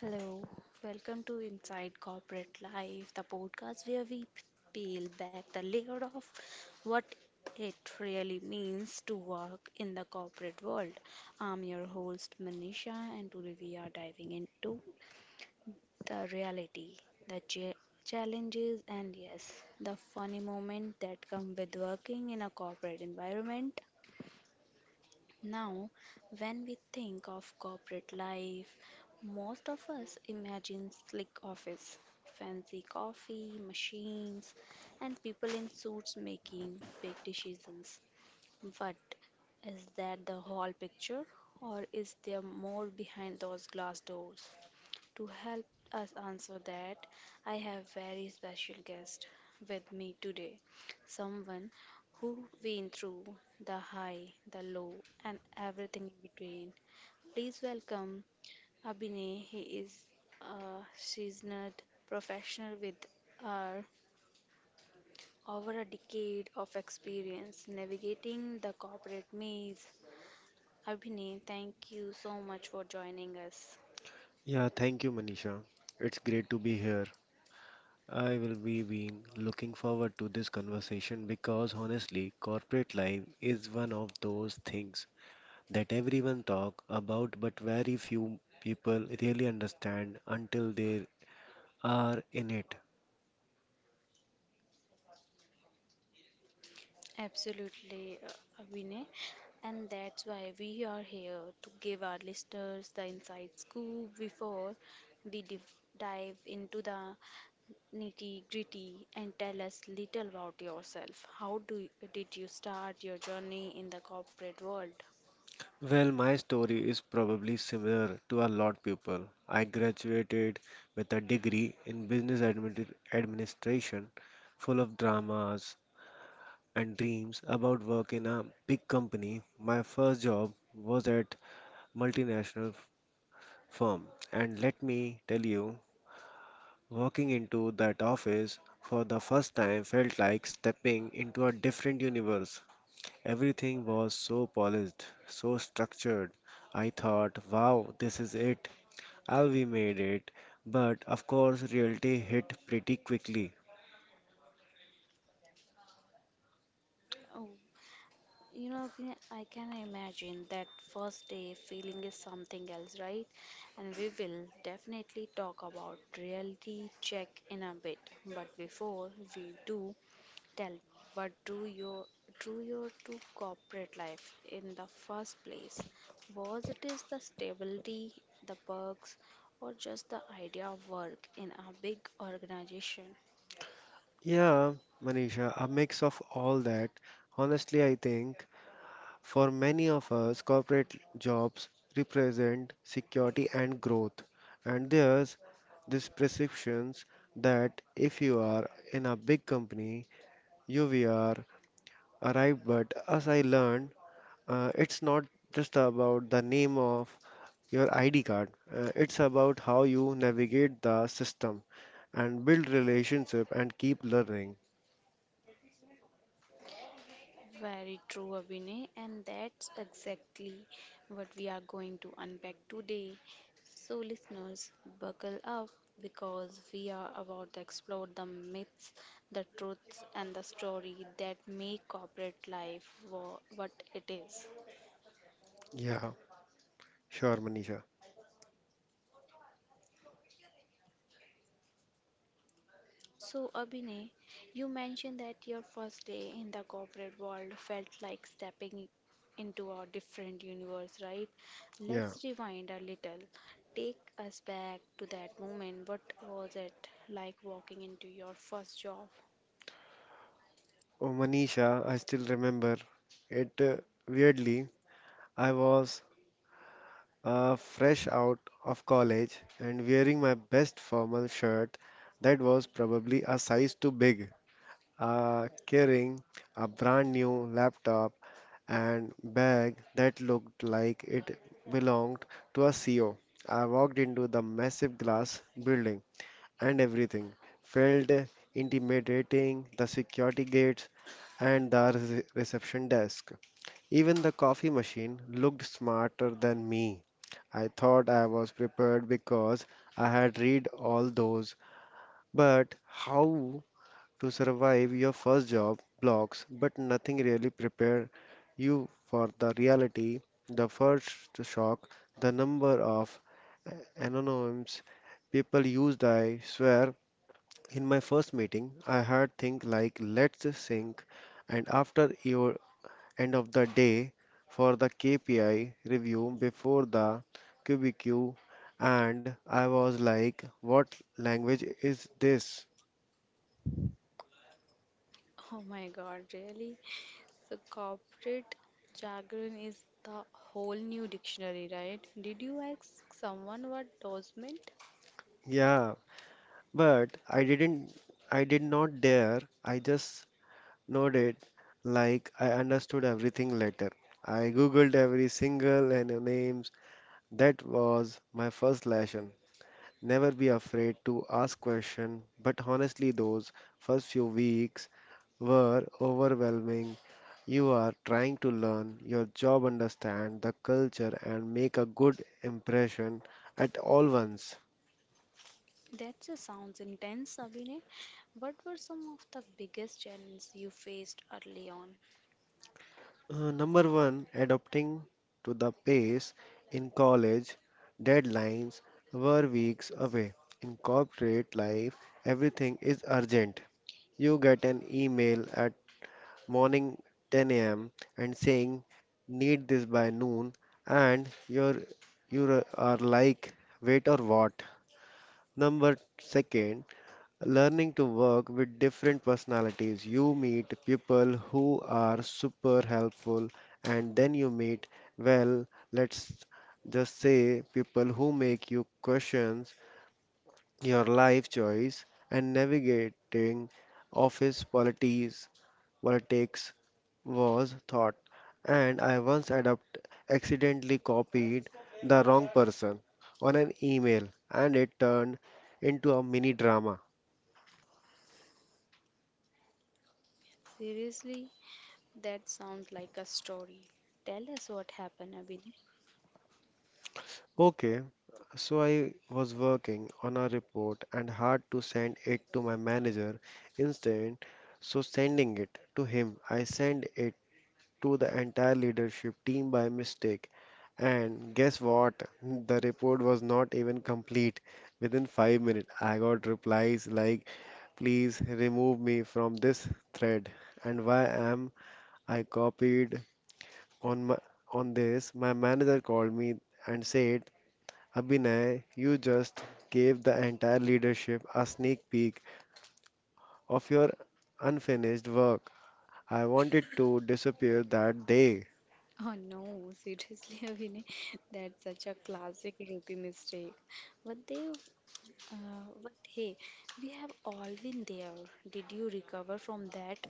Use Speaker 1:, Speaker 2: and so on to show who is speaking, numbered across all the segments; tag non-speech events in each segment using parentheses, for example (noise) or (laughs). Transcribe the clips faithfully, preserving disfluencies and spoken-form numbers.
Speaker 1: Hello, welcome to Inside Corporate Life, the podcast where we peel back the layer of what it really means to work in the corporate world. I'm your host Manisha, and today we are diving into the reality, the ch- challenges, and yes, the funny moment that come with working in a corporate environment. Now, when we think of corporate life, most of us imagine slick office, fancy coffee, machines, and people in suits making big decisions. But is that the whole picture, or is there more behind those glass doors? To help us answer that, I have very special guest with me today. Someone who been through the high, the low and everything in between. Please welcome Abhinay. He is a seasoned professional with uh, over a decade of experience navigating the corporate maze. Abhinay, thank you so much for joining us.
Speaker 2: Yeah, thank you, Manisha. It's great to be here. I will be been looking forward to this conversation because honestly, corporate life is one of those things that everyone talk about but very few people really understand until they are in it.
Speaker 1: Absolutely, uh, Vinay. And that's why we are here to give our listeners the inside scoop before we div dive into the nitty-gritty and tell us little about yourself. How do you, did you start your journey in the corporate world?
Speaker 2: Well, my story is probably similar to a lot people. I graduated with a degree in business admini- administration full of dramas, and dreams about work in a big company. My first job was at multinational f- firm, and let me tell you, walking into that office for the first time felt like stepping into a different universe. Everything was so polished, so structured. I thought, wow, this is it. I'll be made it. But of course, reality hit pretty quickly.
Speaker 1: You know, Vinay, I can imagine that first day feeling is something else, right? And we will definitely talk about reality check in a bit. But before we do, tell me what do your drew your to corporate life in the first place? Was it is the stability, the perks, or just the idea of work in a big organization?
Speaker 2: Yeah, Manisha, a mix of all that. Honestly, I think for many of us, corporate jobs represent security and growth, and there's this perception that if you are in a big company, you will arrive. But as I learned, uh, it's not just about the name of your I D card. Uh, it's about how you navigate the system and build relationship and keep learning.
Speaker 1: Very true, Abhinay, and that's exactly what we are going to unpack today. So, listeners, buckle up because we are about to explore the myths, the truths, and the story that make corporate life wha- what it is.
Speaker 2: Yeah, sure, Manisha.
Speaker 1: So, Abhinay, you mentioned that your first day in the corporate world felt like stepping into a different universe, right?
Speaker 2: Yeah.
Speaker 1: Let's rewind a little. Take us back to that moment. What was it like walking into your first job? (laughs)
Speaker 2: Oh, Manisha, I still remember it uh, weirdly. I was uh, fresh out of college and wearing my best formal shirt that was probably a size too big, uh, carrying a brand new laptop and bag that looked like it belonged to a C E O. I walked into the massive glass building and everything felt intimidating the security gates and the re- reception desk. Even the coffee machine looked smarter than me. I thought I was prepared because I had read all those, but how to survive your first job blocks, but nothing really prepare you for the reality, the first shock, the number of anonyms people used, I swear. In my first meeting, I heard things like let's sink, and after your end of the day for the K P I review before the Q B Q, and I was like, what language is this?
Speaker 1: Oh my God, really? So, corporate jargon is the whole new dictionary, right? Did you ask someone what those meant?
Speaker 2: Yeah, but I didn't, I did not dare. I just nodded like I understood everything later. I googled every single and names. That was my first lesson. Never be afraid to ask question, but honestly those first few weeks were overwhelming. You are trying to learn your job, understand the culture, and make a good impression at all once.
Speaker 1: That just sounds intense, Abhinay. What were some of the biggest challenges you faced early on?
Speaker 2: Uh, number one, adapting to the pace in college, deadlines were weeks away. In corporate life, everything is urgent. You get an email at morning ten a m and saying, need this by noon, and you're, you are like, wait or what? Number second, learning to work with different personalities. You meet people who are super helpful, and then you meet, well, let's just say, people who make you question your life choice and navigating office politics, politics was thought. And I once adopt accidentally copied the wrong person on an email, and it turned into a mini drama.
Speaker 1: Seriously, that sounds like a story. Tell us what happened, Abhinay.
Speaker 2: Okay, so I was working on a report and had to send it to my manager. Instead. So sending it to him, I sent it to the entire leadership team by mistake. And guess what? The report was not even complete. Within five minutes, I got replies like, "Please remove me from this thread." And why am I copied on my on this? My manager called me and said, Abhinay, you just gave the entire leadership a sneak peek of your unfinished work. I wanted to disappear that day.
Speaker 1: Oh no, seriously, (laughs) Abhinay, that's such a classic rookie mistake. But they, uh, but hey, we have all been there. Did you recover from that?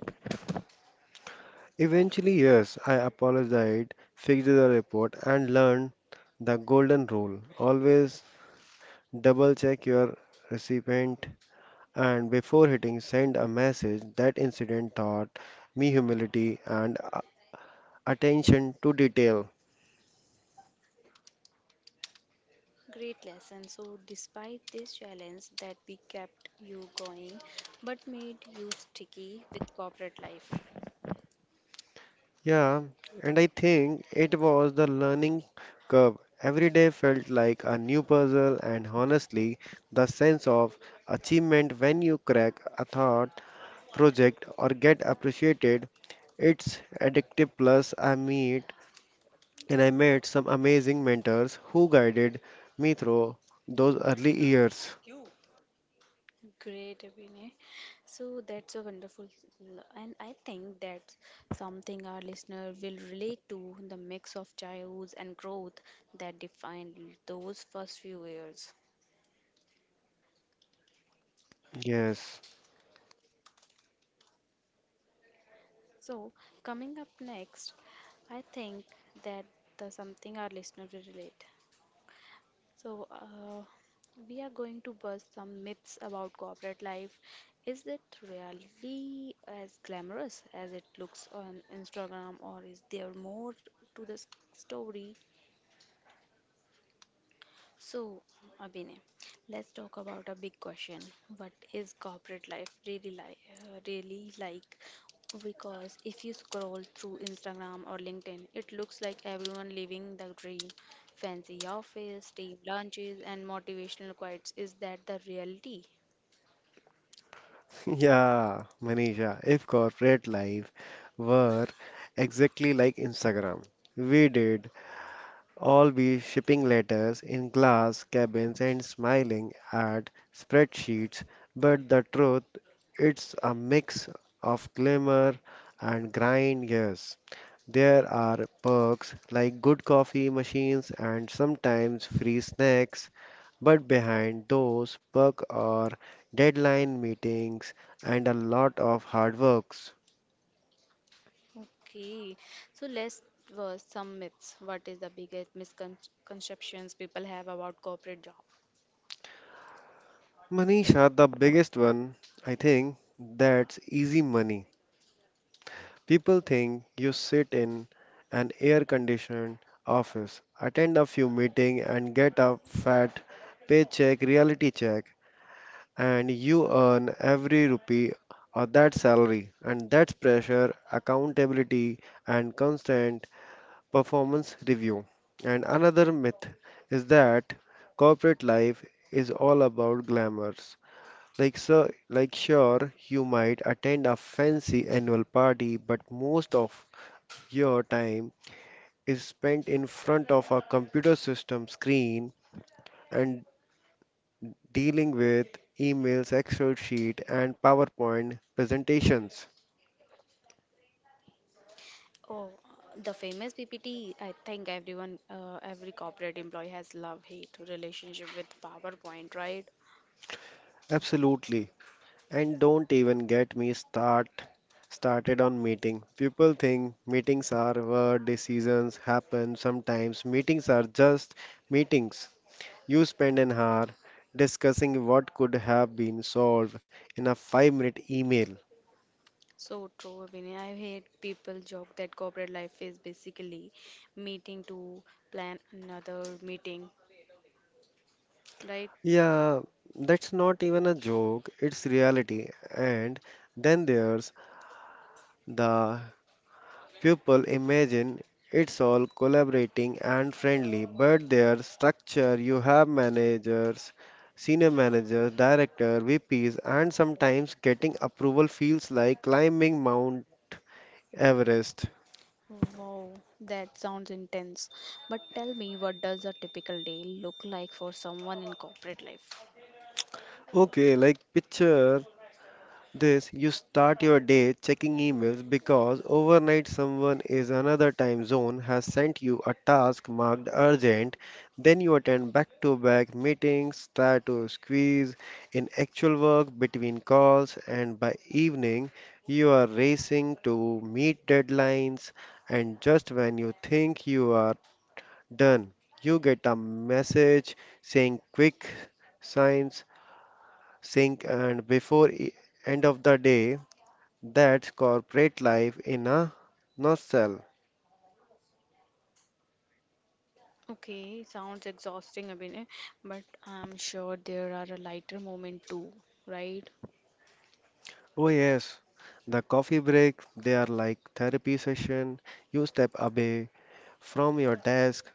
Speaker 2: Eventually, yes, I apologized, fixed the report, and learned the golden rule. Always double check your recipient and before hitting send a message. That incident taught me humility and uh, attention to detail.
Speaker 1: Great lesson. So, despite this challenge that we kept you going but made you sticky with corporate life.
Speaker 2: Yeah, and I think it was the learning curve. Every day felt like a new puzzle, and honestly, the sense of achievement when you crack a thought project or get appreciated, it's addictive. Plus, I meet and I met some amazing mentors who guided me through those early years.
Speaker 1: Great, Abhinay. So, that's a wonderful, l- and I think that's something our listener will relate to the mix of childhood and growth that defined those first few years.
Speaker 2: Yes,
Speaker 1: So, coming up next, I think that the something our listener will relate. So, uh, we are going to bust some myths about corporate life. Is it really as glamorous as it looks on Instagram, or is there more to the s- story? So, Abhinay, let's talk about a big question. What is corporate life really like? uh, Really like? Because if you scroll through Instagram or LinkedIn, it looks like everyone living the dream. Fancy office, team lunches, and motivational quotes. Is that the reality?
Speaker 2: (laughs) yeah, Manisha, if corporate life were exactly like Instagram, we did all be shipping letters in glass cabins and smiling at spreadsheets, but the truth, it's a mix of glamour and grind, yes. There are perks like good coffee machines and sometimes free snacks, but behind those perks are deadline meetings and a lot of hard works.
Speaker 1: Okay, so let's verse some myths. What is the biggest misconceptions people have about corporate job?
Speaker 2: Manisha, the biggest one, I think, that's easy money. People think you sit in an air conditioned office, attend a few meetings, and get a fat paycheck reality check, and you earn every rupee of that salary. And that's pressure, accountability, and constant performance review. And another myth is that corporate life is all about glamours. Like so, like sure, you might attend a fancy annual party, but most of your time is spent in front of a computer system screen and dealing with emails, Excel sheet, and PowerPoint presentations.
Speaker 1: Oh, the famous P P T. I think everyone, uh, every corporate employee has love-hate relationship with PowerPoint, right?
Speaker 2: Absolutely. And don't even get me start started on meeting. People think meetings are where decisions happen. Sometimes meetings are just meetings. You spend an hour discussing what could have been solved in a five minute email.
Speaker 1: So true, Vinay. I hate people joke that corporate life is basically meeting to plan another meeting, right?
Speaker 2: Yeah, that's not even a joke, it's reality. And then there's the pupil imagine it's all collaborating and friendly, but their structure you have managers, senior managers, director, V Ps, and sometimes getting approval feels like climbing Mount Everest.
Speaker 1: Wow, that sounds intense. But tell me, what does a typical day look like for someone in corporate life?
Speaker 2: Okay, like picture this. You start your day checking emails because overnight someone is another time zone has sent you a task marked urgent. Then you attend back-to-back meetings, try to squeeze in actual work between calls, and by evening you are racing to meet deadlines. And just when you think you are done, you get a message saying quick signs sync and before e- end of the day. That's corporate life in a nutshell.
Speaker 1: Okay, sounds exhausting, Abhinay, but I'm sure there are a lighter moment too, right?
Speaker 2: Oh yes, the coffee breaks, they are like therapy session. You step away from your desk,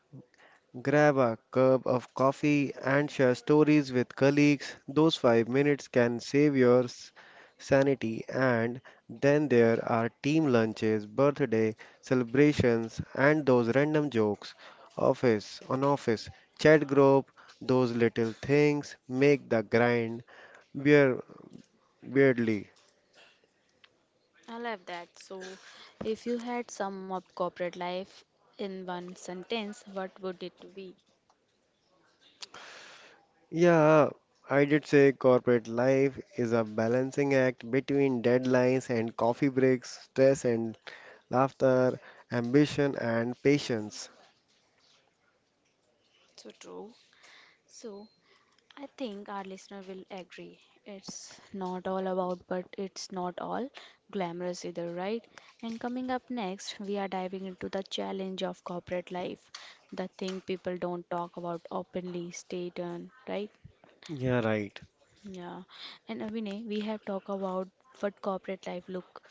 Speaker 2: grab a cup of coffee and share stories with colleagues. Those five minutes can save your s- sanity, and then there are team lunches, birthday celebrations and those random jokes. Office on office chat group, those little things make the grind Weir- weirdly.
Speaker 1: I love that. So, if you had sum up corporate life in one sentence, what would it be?
Speaker 2: Yeah, I did say corporate life is a balancing act between deadlines and coffee breaks, stress and laughter, ambition and patience.
Speaker 1: So true. So, I think our listener will agree. It's not all about, but it's not all glamorous either, right? And coming up next, we are diving into the challenge of corporate life, the thing people don't talk about openly. Stay tuned, right?
Speaker 2: Yeah, right.
Speaker 1: Yeah. And Abhinay, we have talked about what corporate life look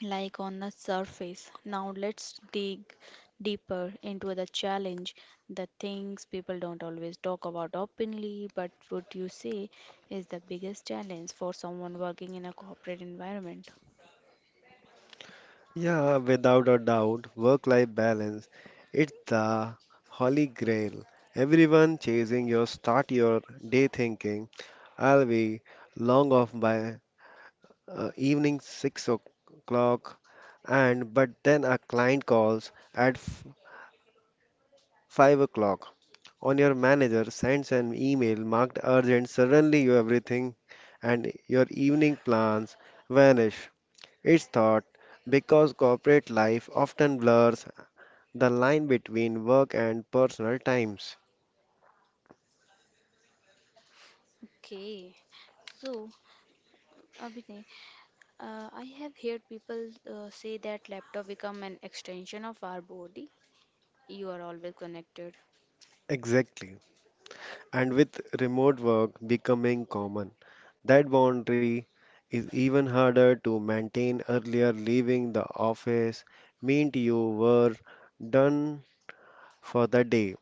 Speaker 1: like on the surface. Now let's dig deeper into the challenge, the things people don't always talk about openly, but what you say is the biggest challenge for someone working in a corporate environment?
Speaker 2: Yeah, without a doubt, work-life balance. It's the holy grail. Everyone chasing your start your day thinking, I'll be long off by uh, evening six o'clock, and but then a client calls at f- five o'clock, on your manager sends an email marked urgent, suddenly you everything and your evening plans vanish. It's thought because corporate life often blurs the line between work and personal times.
Speaker 1: Okay, so Abhinay, uh, I have heard people uh, say that laptop become an extension of our body. You are always connected.
Speaker 2: Exactly. And with remote work becoming common, that boundary is even harder to maintain. Earlier, leaving the office meant you were done for the day.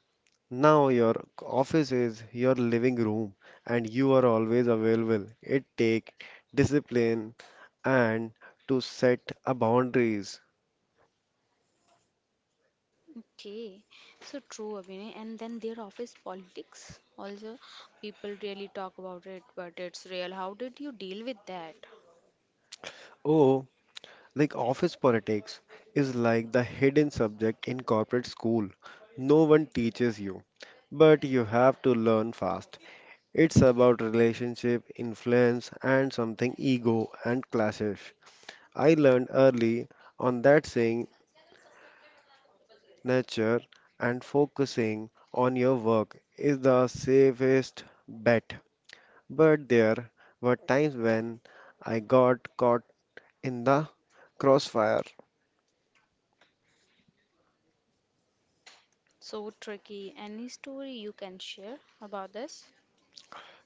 Speaker 2: Now your office is your living room and you are always available. It takes discipline and to set a boundaries.
Speaker 1: Okay, so true, Abhinay. And then their office politics also, people really talk about it, but it's real. How did you deal with that?
Speaker 2: Oh, like office politics is like the hidden subject in corporate school. No one teaches you, but you have to learn fast. It's about relationship, influence, and something ego and clashes. I learned early on that saying nature, and focusing on your work is the safest bet. But there were times when I got caught in the crossfire.
Speaker 1: So tricky. Any story you can share about this?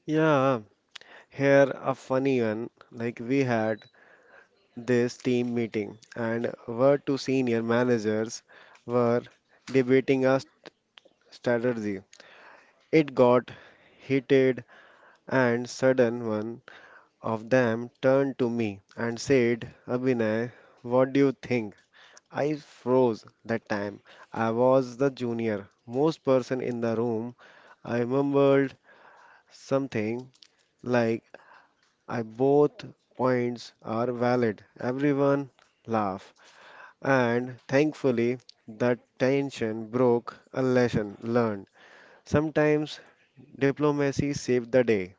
Speaker 2: Yeah, here a funny one. Like we had this team meeting, and our two senior managers were debating a strategy. It got heated, and sudden one of them turned to me and said, "Abhinay, what do you think?" I froze that time. I was the junior, most person in the room. I remembered something like I both points are valid. Everyone laugh. And thankfully that tension broke a lesson learned. Sometimes diplomacy saved the day.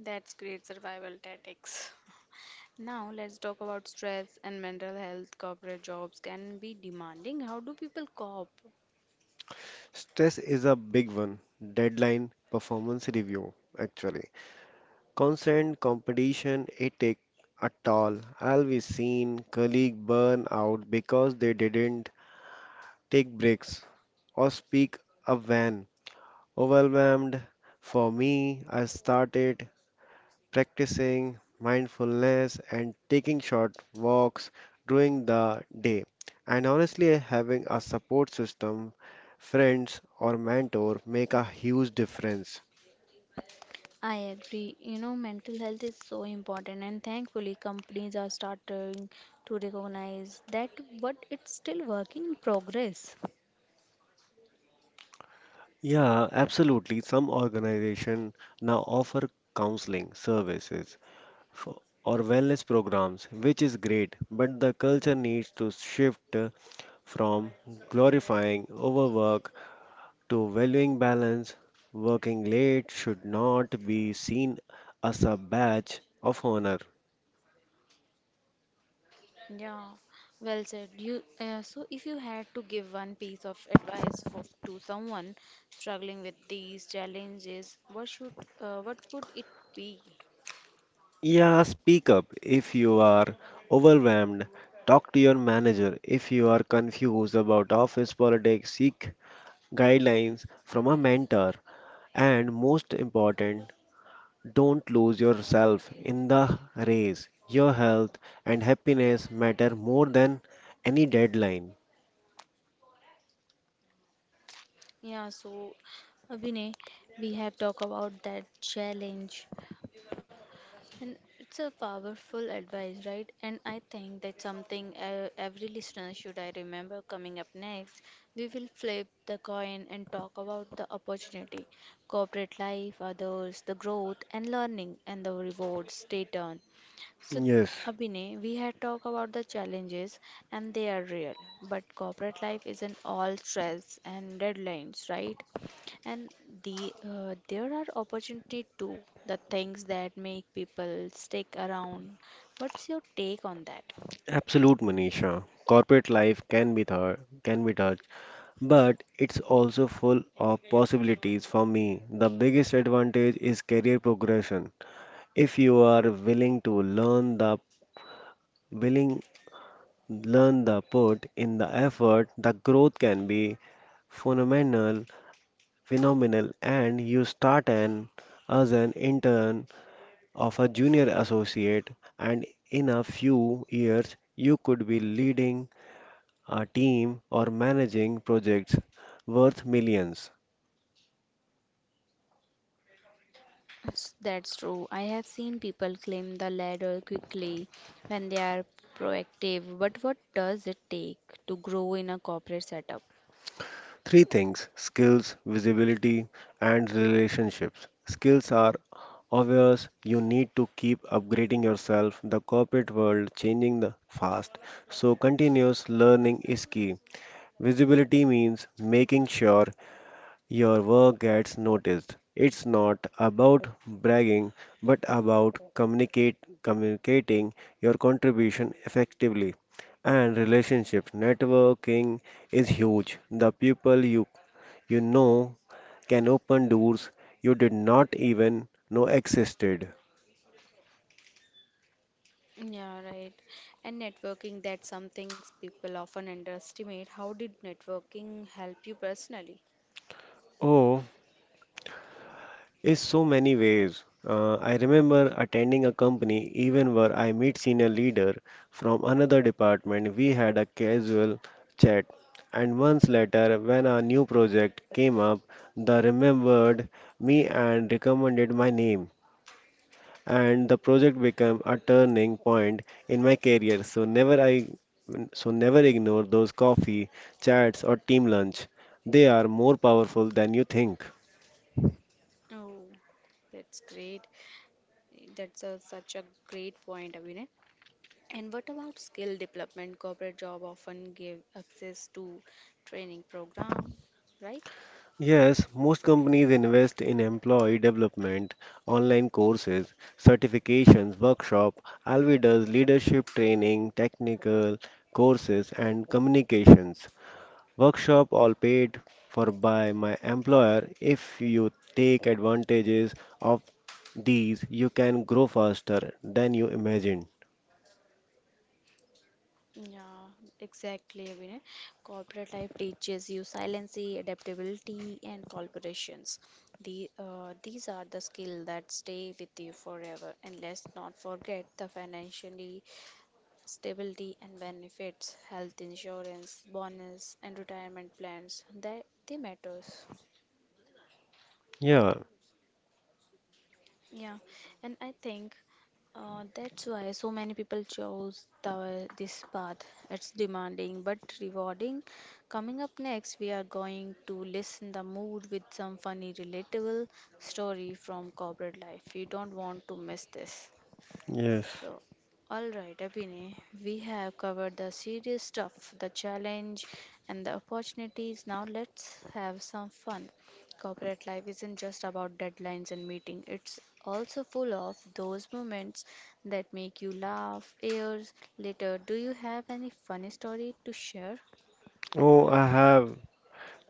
Speaker 1: That's great survival tactics. (laughs) Now, let's talk about stress and mental health. Corporate jobs can be demanding. How do people cope?
Speaker 2: Stress is a big one. Deadline performance review actually. Constant competition, it take a toll. I be seen colleagues burn out because they didn't take breaks or speak up when overwhelmed. For me, I started practicing mindfulness and taking short walks during the day. And honestly, having a support system, friends or mentor make a huge difference.
Speaker 1: I agree. You know, mental health is so important, and thankfully, companies are starting to recognize that, but it's still work in progress.
Speaker 2: Yeah, absolutely. Some organization now offer counseling services for, or wellness programs, which is great, but the culture needs to shift uh, from glorifying overwork to valuing balance. Working late should not be seen as a badge of honor.
Speaker 1: Yeah, well said. You uh, so if you had to give one piece of advice for to someone struggling with these challenges, what should uh, what would it be?
Speaker 2: Yeah, speak up if you are overwhelmed. Talk to your manager if you are confused about office politics. Seek guidelines from a mentor, and most important, don't lose yourself in the race. Your health and happiness matter more than any deadline.
Speaker 1: Yeah, so Abhinay, we have talked about that challenge, and it's a powerful advice, right? And I think that's something uh, every listener should I remember coming up next. We will flip the coin and talk about the opportunity, corporate life, others, the growth and learning, and the rewards. Stay tuned. So,
Speaker 2: Yes,
Speaker 1: Abhinay, we had talked about the challenges and they are real, but corporate life isn't all stress and deadlines, right? And the uh, there are opportunity too, the things that make people stick around. What's your take on that?
Speaker 2: absolute Manisha. Corporate life can be thir- can be tough, but it's also full of possibilities for me. The biggest advantage is career progression. If you are willing to learn the willing learn the put in the effort, the growth can be phenomenal, phenomenal, and you start an as an intern of a junior associate, and in a few years you could be leading a team or managing projects worth millions.
Speaker 1: S- That's true. I have seen people climb the ladder quickly when they are proactive, but what does it take to grow in a corporate setup?
Speaker 2: Three things skills, visibility, and relationships. Skills are obvious you need to keep upgrading yourself the corporate world changing the fast so continuous learning is key. Visibility means making sure your work gets noticed. It's not about bragging, but about communicate, communicating your contribution effectively. And relationship networking is huge. The people you, you know can open doors you did not even know existed.
Speaker 1: Yeah, right. And networking, that's something people often underestimate. How did networking help you personally?
Speaker 2: Oh, is so many ways. Uh, I remember attending a company even where I meet senior leader from another department. We had a casual chat, and months later, when a new project came up, they remembered me and recommended my name. And the project became a turning point in my career. So never I, so never ignore those coffee chats or team lunch. They are more powerful than you think.
Speaker 1: Oh, that's great. That's a, such a great point, Abhinay. And what about skill development? Corporate job often give access to training program, right?
Speaker 2: Yes, most companies invest in employee development, online courses, certifications, workshop, Alvi does leadership training, technical courses and communications. Workshop all paid for by my employer. If you take advantages of these, you can grow faster than you imagine.
Speaker 1: Yeah, exactly, Abhinay. Corporate life teaches you resiliency, adaptability, and corporations. The uh, these are the skills that stay with you forever. And let's not forget the financially stability and benefits, health insurance, bonus, and retirement plans. That they matters.
Speaker 2: Yeah.
Speaker 1: Yeah, and I think uh, that's why so many people chose the, this path. It's demanding but rewarding. Coming up next, we are going to listen the mood with some funny, relatable story from corporate life. You don't want to miss this.
Speaker 2: Yes.
Speaker 1: So, alright, Abhinay, we have covered the serious stuff, the challenge and the opportunities. Now, let's have some fun. Corporate life isn't just about deadlines and meeting, it's also full of those moments that make you laugh years later. Do you have any funny story to share?
Speaker 2: Oh, I have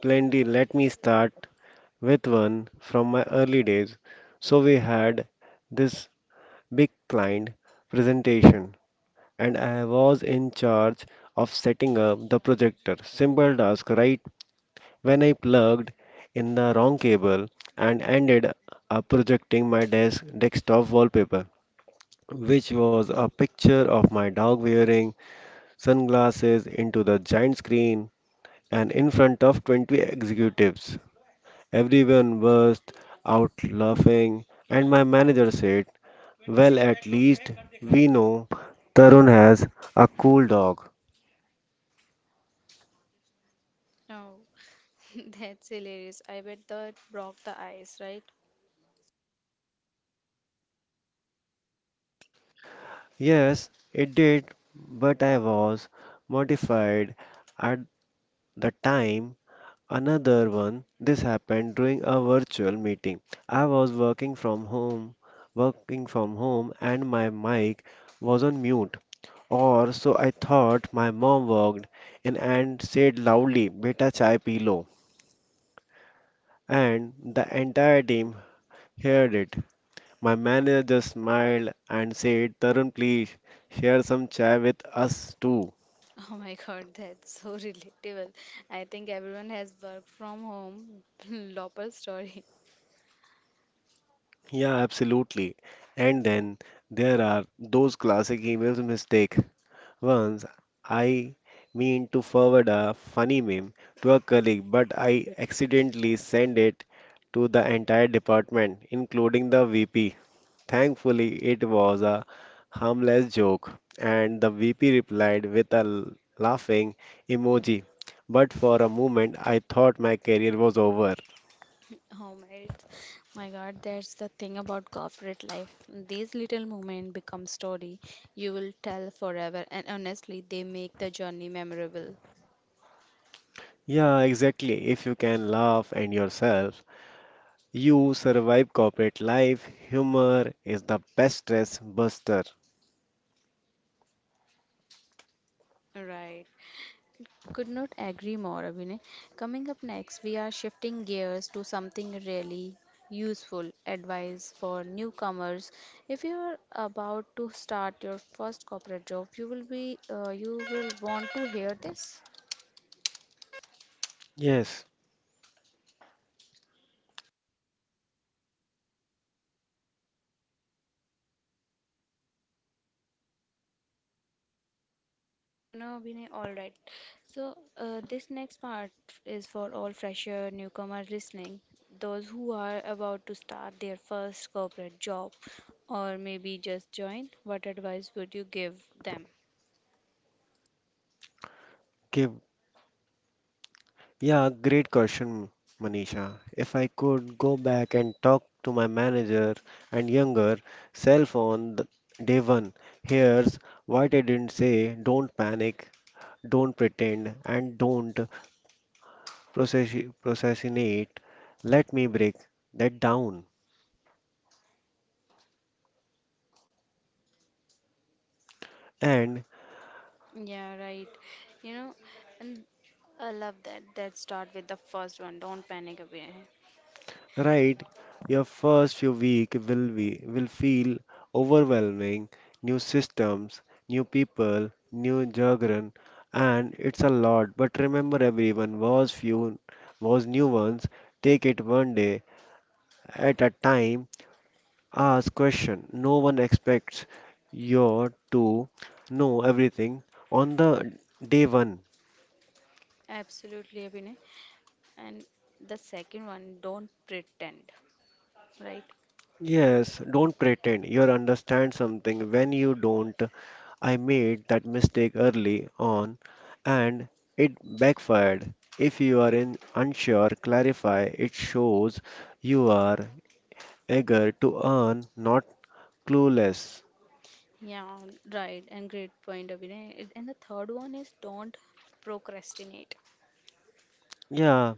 Speaker 2: plenty. Let me start with one from my early days. So we had this big client presentation, and I was in charge of setting up the projector. Simple task, right? When I plugged in the wrong cable and ended up projecting my desk desktop wallpaper, which was a picture of my dog wearing sunglasses into the giant screen and in front of twenty executives. Everyone burst out laughing, and my manager said, "Well, at least we know Tarun has a cool dog."
Speaker 1: Oh, (laughs) that's hilarious. I bet that broke the ice, right?
Speaker 2: Yes, it did, but I was mortified at the time. Another one, this happened during a virtual meeting. I was working from home, working from home, and my mic was on mute. Or so I thought my mom walked in and said loudly, "Beta chai pi lo." And the entire team heard it. My manager just smiled and said, "Tarun, please share some chai with us too."
Speaker 1: (laughs) Oh my God, that's so relatable. I think everyone has worked from home. (laughs) Lopper story.
Speaker 2: Yeah, absolutely. And then there are those classic emails mistake. Once I mean to forward a funny meme to a colleague, but I accidentally send it to the entire department, including the V P. Thankfully, it was a harmless joke, and the V P replied with a l- laughing emoji. But for a moment, I thought my career was over.
Speaker 1: Oh my, my God, that's the thing about corporate life. These little moments become story you will tell forever, and honestly, they make the journey memorable.
Speaker 2: Yeah, exactly. If you can laugh and yourself, you survive corporate life. Humor is the best stress buster.
Speaker 1: Right. Could not agree more, Abhinay. Coming up next, we are shifting gears to something really useful advice for newcomers. If you are about to start your first corporate job, you will be uh, you will want to hear this.
Speaker 2: Yes.
Speaker 1: And you know, Vinay, all right. So, uh, this next part is for all fresher newcomer listening, those who are about to start their first corporate job or maybe just join. What advice would you give them?
Speaker 2: give Yeah, great question, Manisha. If I could go back and talk to my manager and younger self on the day one, here's what I didn't say: don't panic, don't pretend, and don't process procrastinate. Let me break that down. And
Speaker 1: Yeah, right. You know, and I love that. Let's start with the first one. Don't panic, Abhinay.
Speaker 2: right, your first few weeks will be will feel overwhelming. New systems, new people, new jargon, and it's a lot. But remember, everyone was few was new ones. Take it one day at a time. Ask question. No one expects you to know everything on the day one.
Speaker 1: Absolutely, Abhinay. And the second one, don't pretend, right?
Speaker 2: Yes, don't pretend you understand something when you don't. I made that mistake early on and it backfired. If you are in unsure, clarify. It shows you are eager to earn, not clueless.
Speaker 1: Yeah, right. And great point, Abhinay. It- And the third one is don't procrastinate.
Speaker 2: Yeah,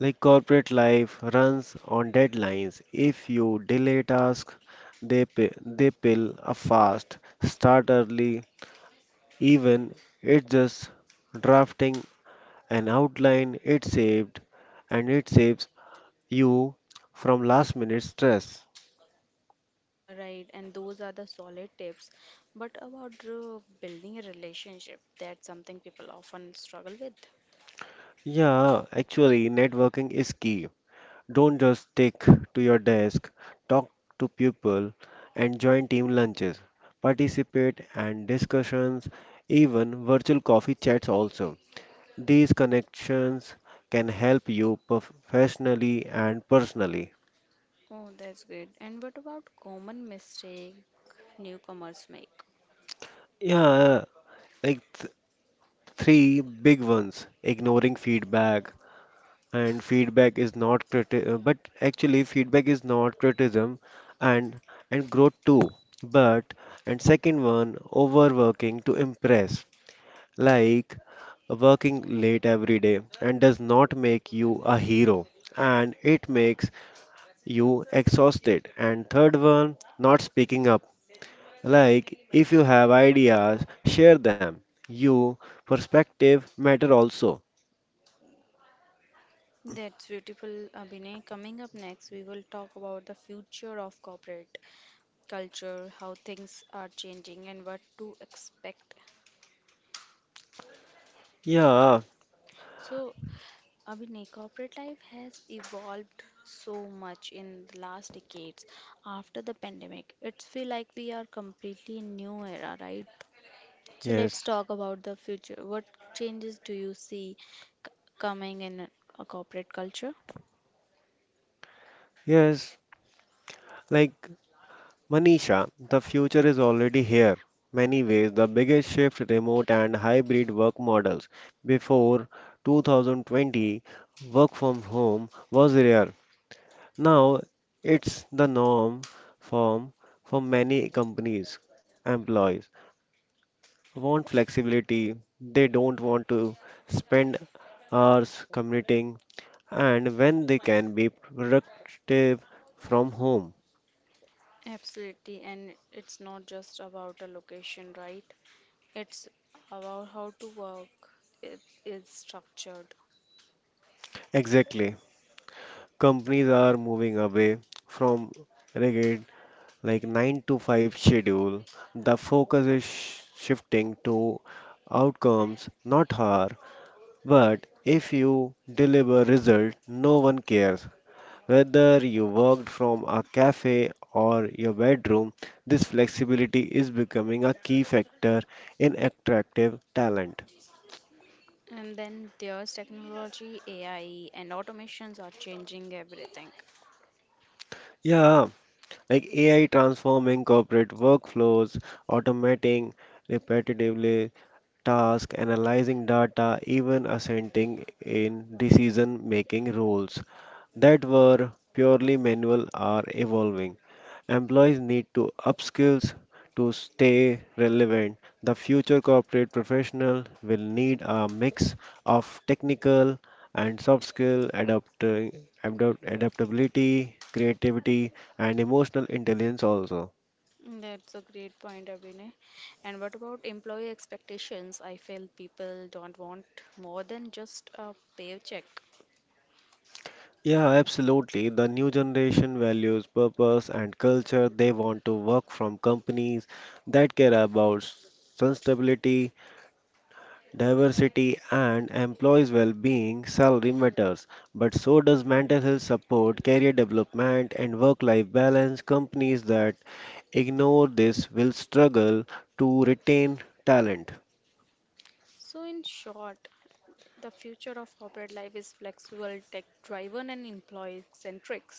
Speaker 2: like corporate life runs on deadlines. If you delay tasks, they pi- they pill up fast. Start early, even it's just drafting an outline. It saved, and it saves you from last minute stress.
Speaker 1: Yeah, right. And those are the solid tips. But about uh, building a relationship, that's something people often struggle with.
Speaker 2: Yeah, actually, networking is key. Don't just stick to your desk, talk to people, and join team lunches, participate and discussions, even virtual coffee chats also. These connections can help you professionally and personally.
Speaker 1: Oh, that's great. And what about common mistake newcomers make?
Speaker 2: Yeah, like th- three big ones ignoring feedback, and feedback is not criti- uh, but actually feedback is not criticism and and growth too but and second one overworking to impress like working late every day and does not make you a hero and it makes you exhausted and third one not speaking up like if you have ideas share them you perspective matter also.
Speaker 1: That's beautiful, Abhinay. Coming up next, we will talk about the future of corporate culture, how things are changing, and what to expect.
Speaker 2: Yeah.
Speaker 1: So, Abhinay, corporate life has evolved so much in the last decades after the pandemic. It's feel like we are completely in new era, right? So let's
Speaker 2: Yes.
Speaker 1: talk about the future. What changes do you see c- coming in a corporate culture?
Speaker 2: Yes, like, Manisha, the future is already here. Many ways, the biggest shift remote and hybrid work models. Before twenty twenty, work from home was rare. Now it's the norm form for many companies. Employees want flexibility. They don't want to spend hours commuting and when they can be productive from home.
Speaker 1: Absolutely, and it's not just about a location, right? It's about how to work. It is structured.
Speaker 2: Exactly. Companies are moving away from rigid like nine to five schedule the focus is sh- shifting to outcomes not hour but if you deliver result no one cares whether you worked from a cafe or your bedroom. This flexibility is becoming a key factor in attractive talent.
Speaker 1: And then there's technology, A I, and automations are changing everything.
Speaker 2: Yeah, like AI transforming corporate workflows automating repetitively tasks, analyzing data, even assenting in decision making roles that were purely manual are evolving. Employees need to upskill to stay relevant. The future corporate professional will need a mix of technical and soft skill adapt, adapt, adaptability, creativity, and emotional intelligence also.
Speaker 1: That's a great point, Abhinay. And what about employee expectations? I feel people don't want more than just a paycheck.
Speaker 2: Yeah, absolutely. The new generation values purpose and culture. They want to work from companies that care about sustainability, diversity, and employees' well being. Salary matters, but so does mental health support, career development, and work life balance. Companies that ignore this will struggle to retain talent.
Speaker 1: So, in short, the future of corporate life is flexible, tech driven, and employee centric.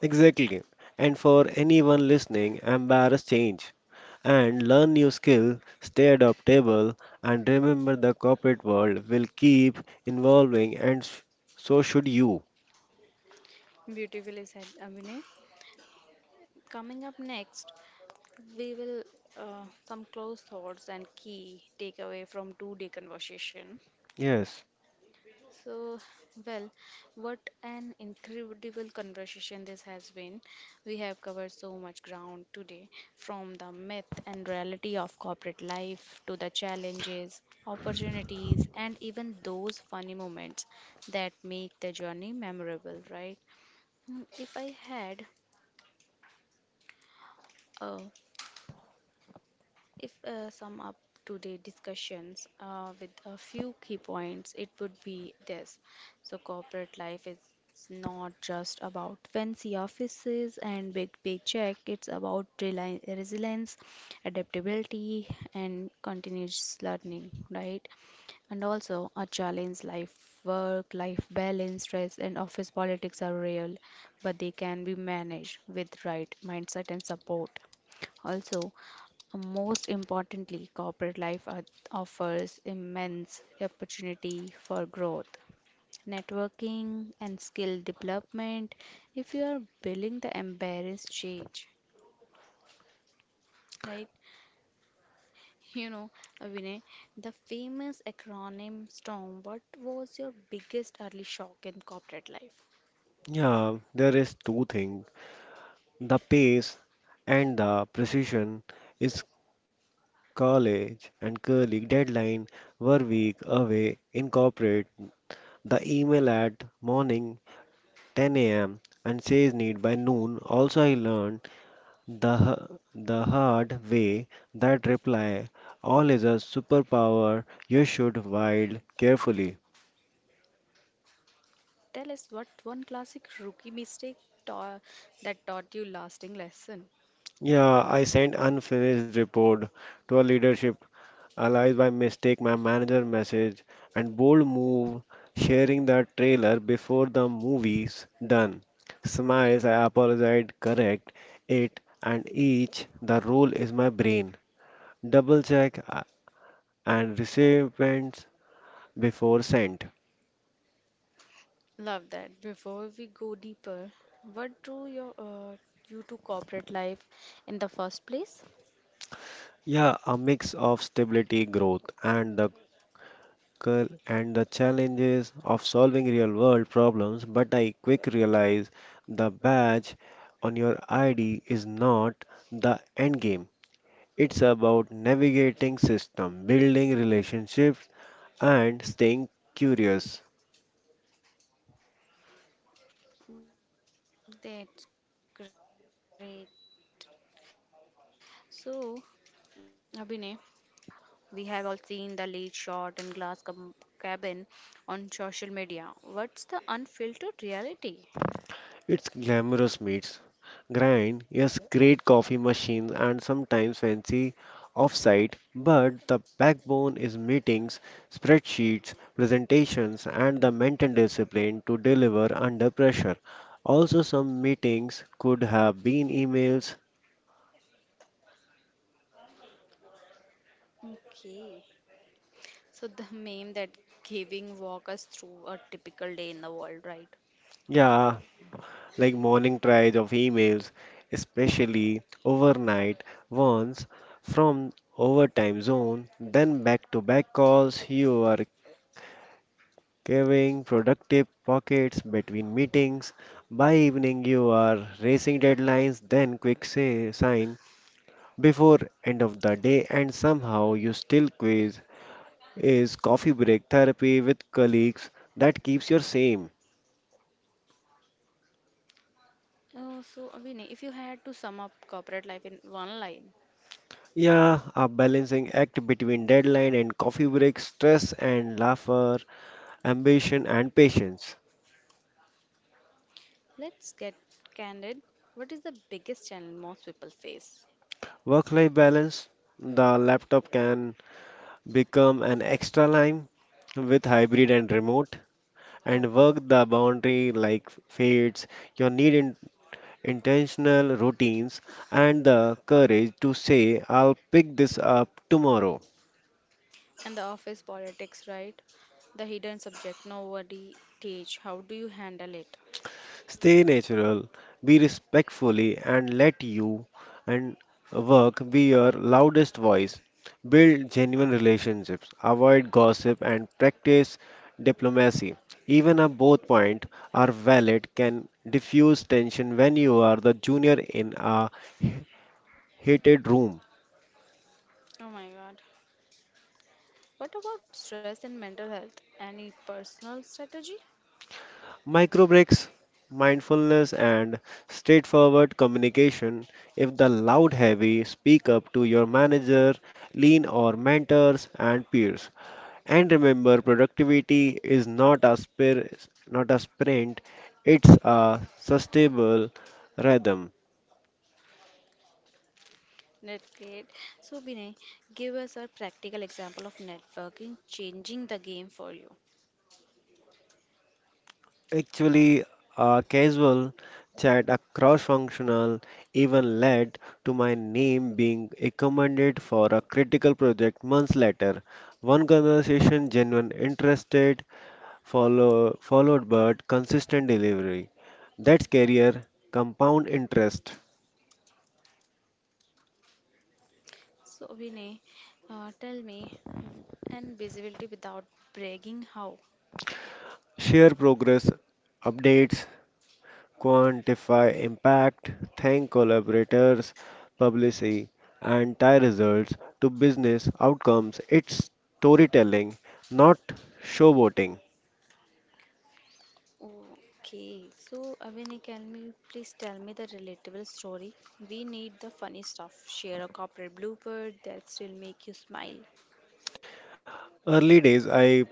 Speaker 2: Exactly. And for anyone listening, embrace change and learn new skills, stay adaptable, and remember the corporate world will keep evolving and s- so should you.
Speaker 1: Beautifully said, Abhinay. Coming up next, we will uh, some close thoughts and key takeaway from two-day conversation.
Speaker 2: Yes,
Speaker 1: So, well, what an incredible conversation this has been. We have covered so much ground today, from the myth and reality of corporate life to the challenges, opportunities, and even those funny moments that make the journey memorable, right? Mm, If I had a If uh, sum up today discussions uh, with a few key points, it would be this. So corporate life is not just about fancy offices and big paycheck. It's about reli- resilience, adaptability, and continuous learning, right? And also a challenge life, work, life balance, stress, and office politics are real, but they can be managed with right mindset and support. Also, most importantly, corporate life o- offers immense opportunity for growth, networking, and skill development if you are willing to embrace change. Right? (laughs) You know, Vinay, the famous acronym STORM, what was your biggest early shock in corporate life?
Speaker 2: yeah, there is two things. The pace and the precision is college and colleague deadline were week away in corporate. The email at morning ten a m and says need by noon. Also I learned The, h- the hard way, that reply, all is a superpower, you should wield carefully.
Speaker 1: Tell us what one classic rookie mistake ta- that taught you lasting lesson.
Speaker 2: Yeah, I sent unfinished report to a leadership, allies by mistake, my manager message, and bold move, sharing the trailer before the movie's done. Smiles, I apologize, correct it, and each, the role is my brain. Double check uh, and recipients before sent.
Speaker 1: Love that. Before we go deeper, what drew your uh, you to corporate life in the first place?
Speaker 2: Yeah, a mix of stability, growth, and the cur- and the challenges of solving real-world problems. But I quick realize the badge on your I D is not the end game. It's about navigating system, building relationships, and staying curious.
Speaker 1: That's great. So, Abhinay, tell me, what corporate life is uh, really like? We have all seen the late shot and glass com- cabin on social media. What's the unfiltered reality?
Speaker 2: It's glamorous meets, grind, yes, great coffee machines and sometimes fancy offsite, but the backbone is meetings, spreadsheets, presentations, and the mental discipline to deliver under pressure. Also, some meetings could have been emails,
Speaker 1: Okay. So the (laughs) meme that giving walk us through a typical day in the world, right?
Speaker 2: yeah, like morning tries of emails, especially overnight ones from overtime zone, then back to back calls. You are carving productive pockets between meetings. By evening, you are racing deadlines, then quick say, sign before end of the day, and somehow you still quiz. Is coffee break therapy with colleagues that keeps your same?
Speaker 1: Uh, so, Abhinay, if you had to sum up corporate life in one line,
Speaker 2: Yeah, a balancing act between deadline and coffee break, stress and laughter, ambition and patience.
Speaker 1: let's get candid. What is the biggest challenge most people face?
Speaker 2: Work life balance the laptop can become an extra line with hybrid and remote, and
Speaker 1: Oh,
Speaker 2: work the boundary like fates. You need in- intentional routines and the courage to say, "I'll pick this up tomorrow."
Speaker 1: and the office politics, right? The hidden subject nobody teach. How do you handle it?
Speaker 2: Stay natural, be respectfully, and let you and work be your loudest voice. Build genuine relationships, avoid gossip, and practice diplomacy. Even if both points are valid, can diffuse tension when you are the junior in a heated room.
Speaker 1: Oh my God. What about stress and mental health? Any personal strategy?
Speaker 2: Micro breaks, mindfulness, and straightforward communication. If the loud heavy, speak up to your manager, lean or mentors and peers. And remember, productivity is not a spir- not a sprint; it's a sustainable rhythm.
Speaker 1: That's great. So, Binay, give us a practical example of networking changing the game for you.
Speaker 2: Actually, a casual chat across functional even led to my name being recommended for a critical project months later. One conversation, genuine interested, follow, followed but consistent delivery. That's career, compound interest,
Speaker 1: So, Vinay, uh, tell me, w- and visibility without bragging, how?
Speaker 2: share progress updates, quantify impact, thank collaborators, publicity, and tie results to business outcomes. It's storytelling, not showboating.
Speaker 1: Okay, so uh, Vinay, can you please tell me the relatable story? We need the funny stuff. Share a corporate blooper that still make you smile.
Speaker 2: Early days, I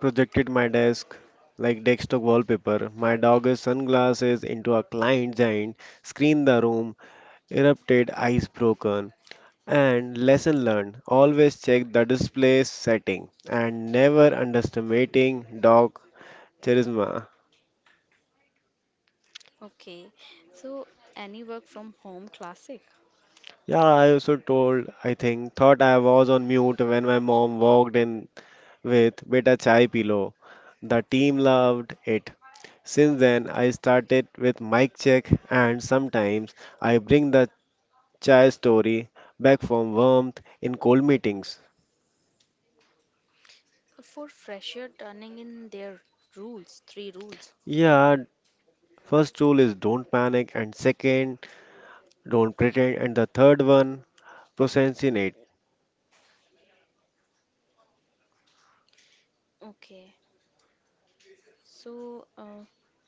Speaker 2: projected my desk like desktop wallpaper, my dog's sunglasses into a client giant, screened the room, erupted, ice broken. And lesson learned always check the display setting and never underestimating dog charisma.
Speaker 1: Okay, so any work from home classic?
Speaker 2: Yeah, I also told, I think, thought I was on mute when my mom walked in with beta chai pillow. The team loved it. Since then, I started with mic check, and sometimes I bring the chai story back for warmth in cold meetings.
Speaker 1: For fresher turning in their rules, three rules.
Speaker 2: Yeah, first rule is don't panic, and second, don't pretend, and the third one, procrastinate.
Speaker 1: Okay, so uh,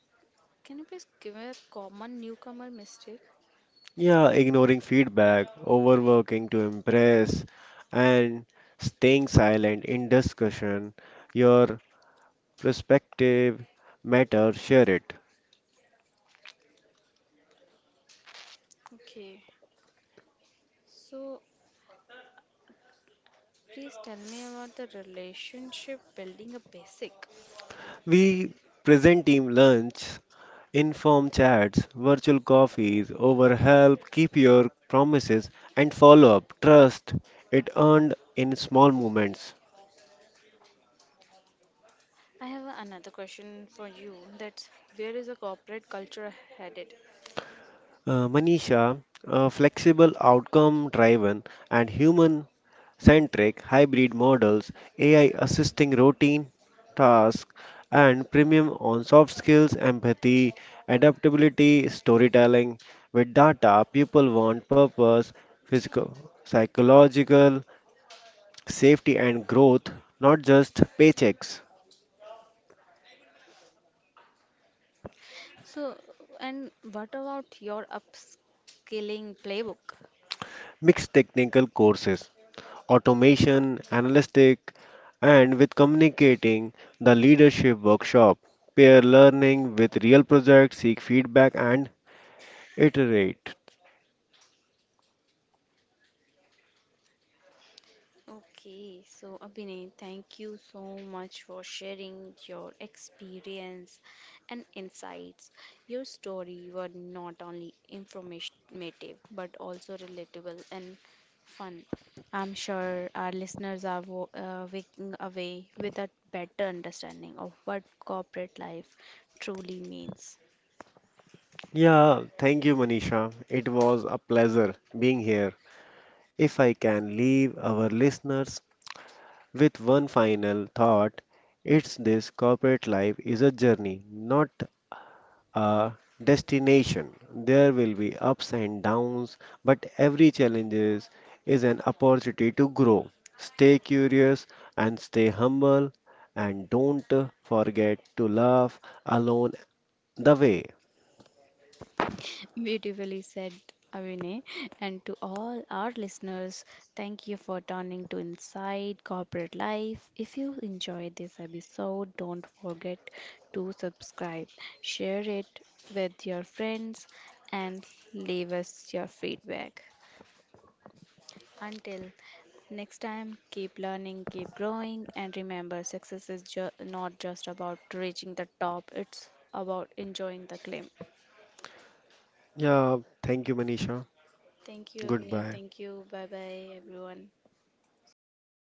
Speaker 1: can you please give me a common newcomer mistake?
Speaker 2: Yeah, ignoring feedback, overworking to impress, and staying silent in discussion. Your perspective matters. Share it.
Speaker 1: Okay, so please tell me about the relationship building a basic.
Speaker 2: We present team lunch, inform chats, virtual coffees, over help, keep your promises, and follow up. Trust it earned in small moments.
Speaker 1: I have another question for you. That's where is the corporate culture headed?
Speaker 2: Uh, Manisha, uh, flexible, outcome driven, and human centric, hybrid models, A I assisting routine tasks, and premium on soft skills, empathy, adaptability, storytelling. With data, people want purpose, physical, psychological, safety, and growth, not just paychecks.
Speaker 1: So, and what about your upskilling playbook?
Speaker 2: Mixed technical courses, automation, analytic, and with communicating the leadership workshop, pair learning with real projects, seek feedback, and iterate.
Speaker 1: Okay, so Abhinay, thank you so much for sharing your experience and insights. Your story were not only informative but also relatable and fun. I'm sure our listeners are wo- uh, waking away with a better understanding of what corporate life truly means.
Speaker 2: Yeah, thank you, Manisha. It was a pleasure being here. If I can leave our listeners with one final thought, it's this corporate life is a journey, not a destination. There will be ups and downs, but every challenge is, is an opportunity to grow. Stay curious and stay humble, and don't forget to laugh along the way.
Speaker 1: Beautifully said, Avine. And to all our listeners, thank you for turning to Inside Corporate Life. If you enjoyed this episode, don't forget to subscribe, share it with your friends, and leave us your feedback. Until next time, keep learning, keep growing, and remember success is ju- not just about reaching the top, it's about enjoying the climb.
Speaker 2: Yeah, thank you, Manisha.
Speaker 1: Thank you, Avni.
Speaker 2: Goodbye.
Speaker 1: Thank you. Bye bye, everyone.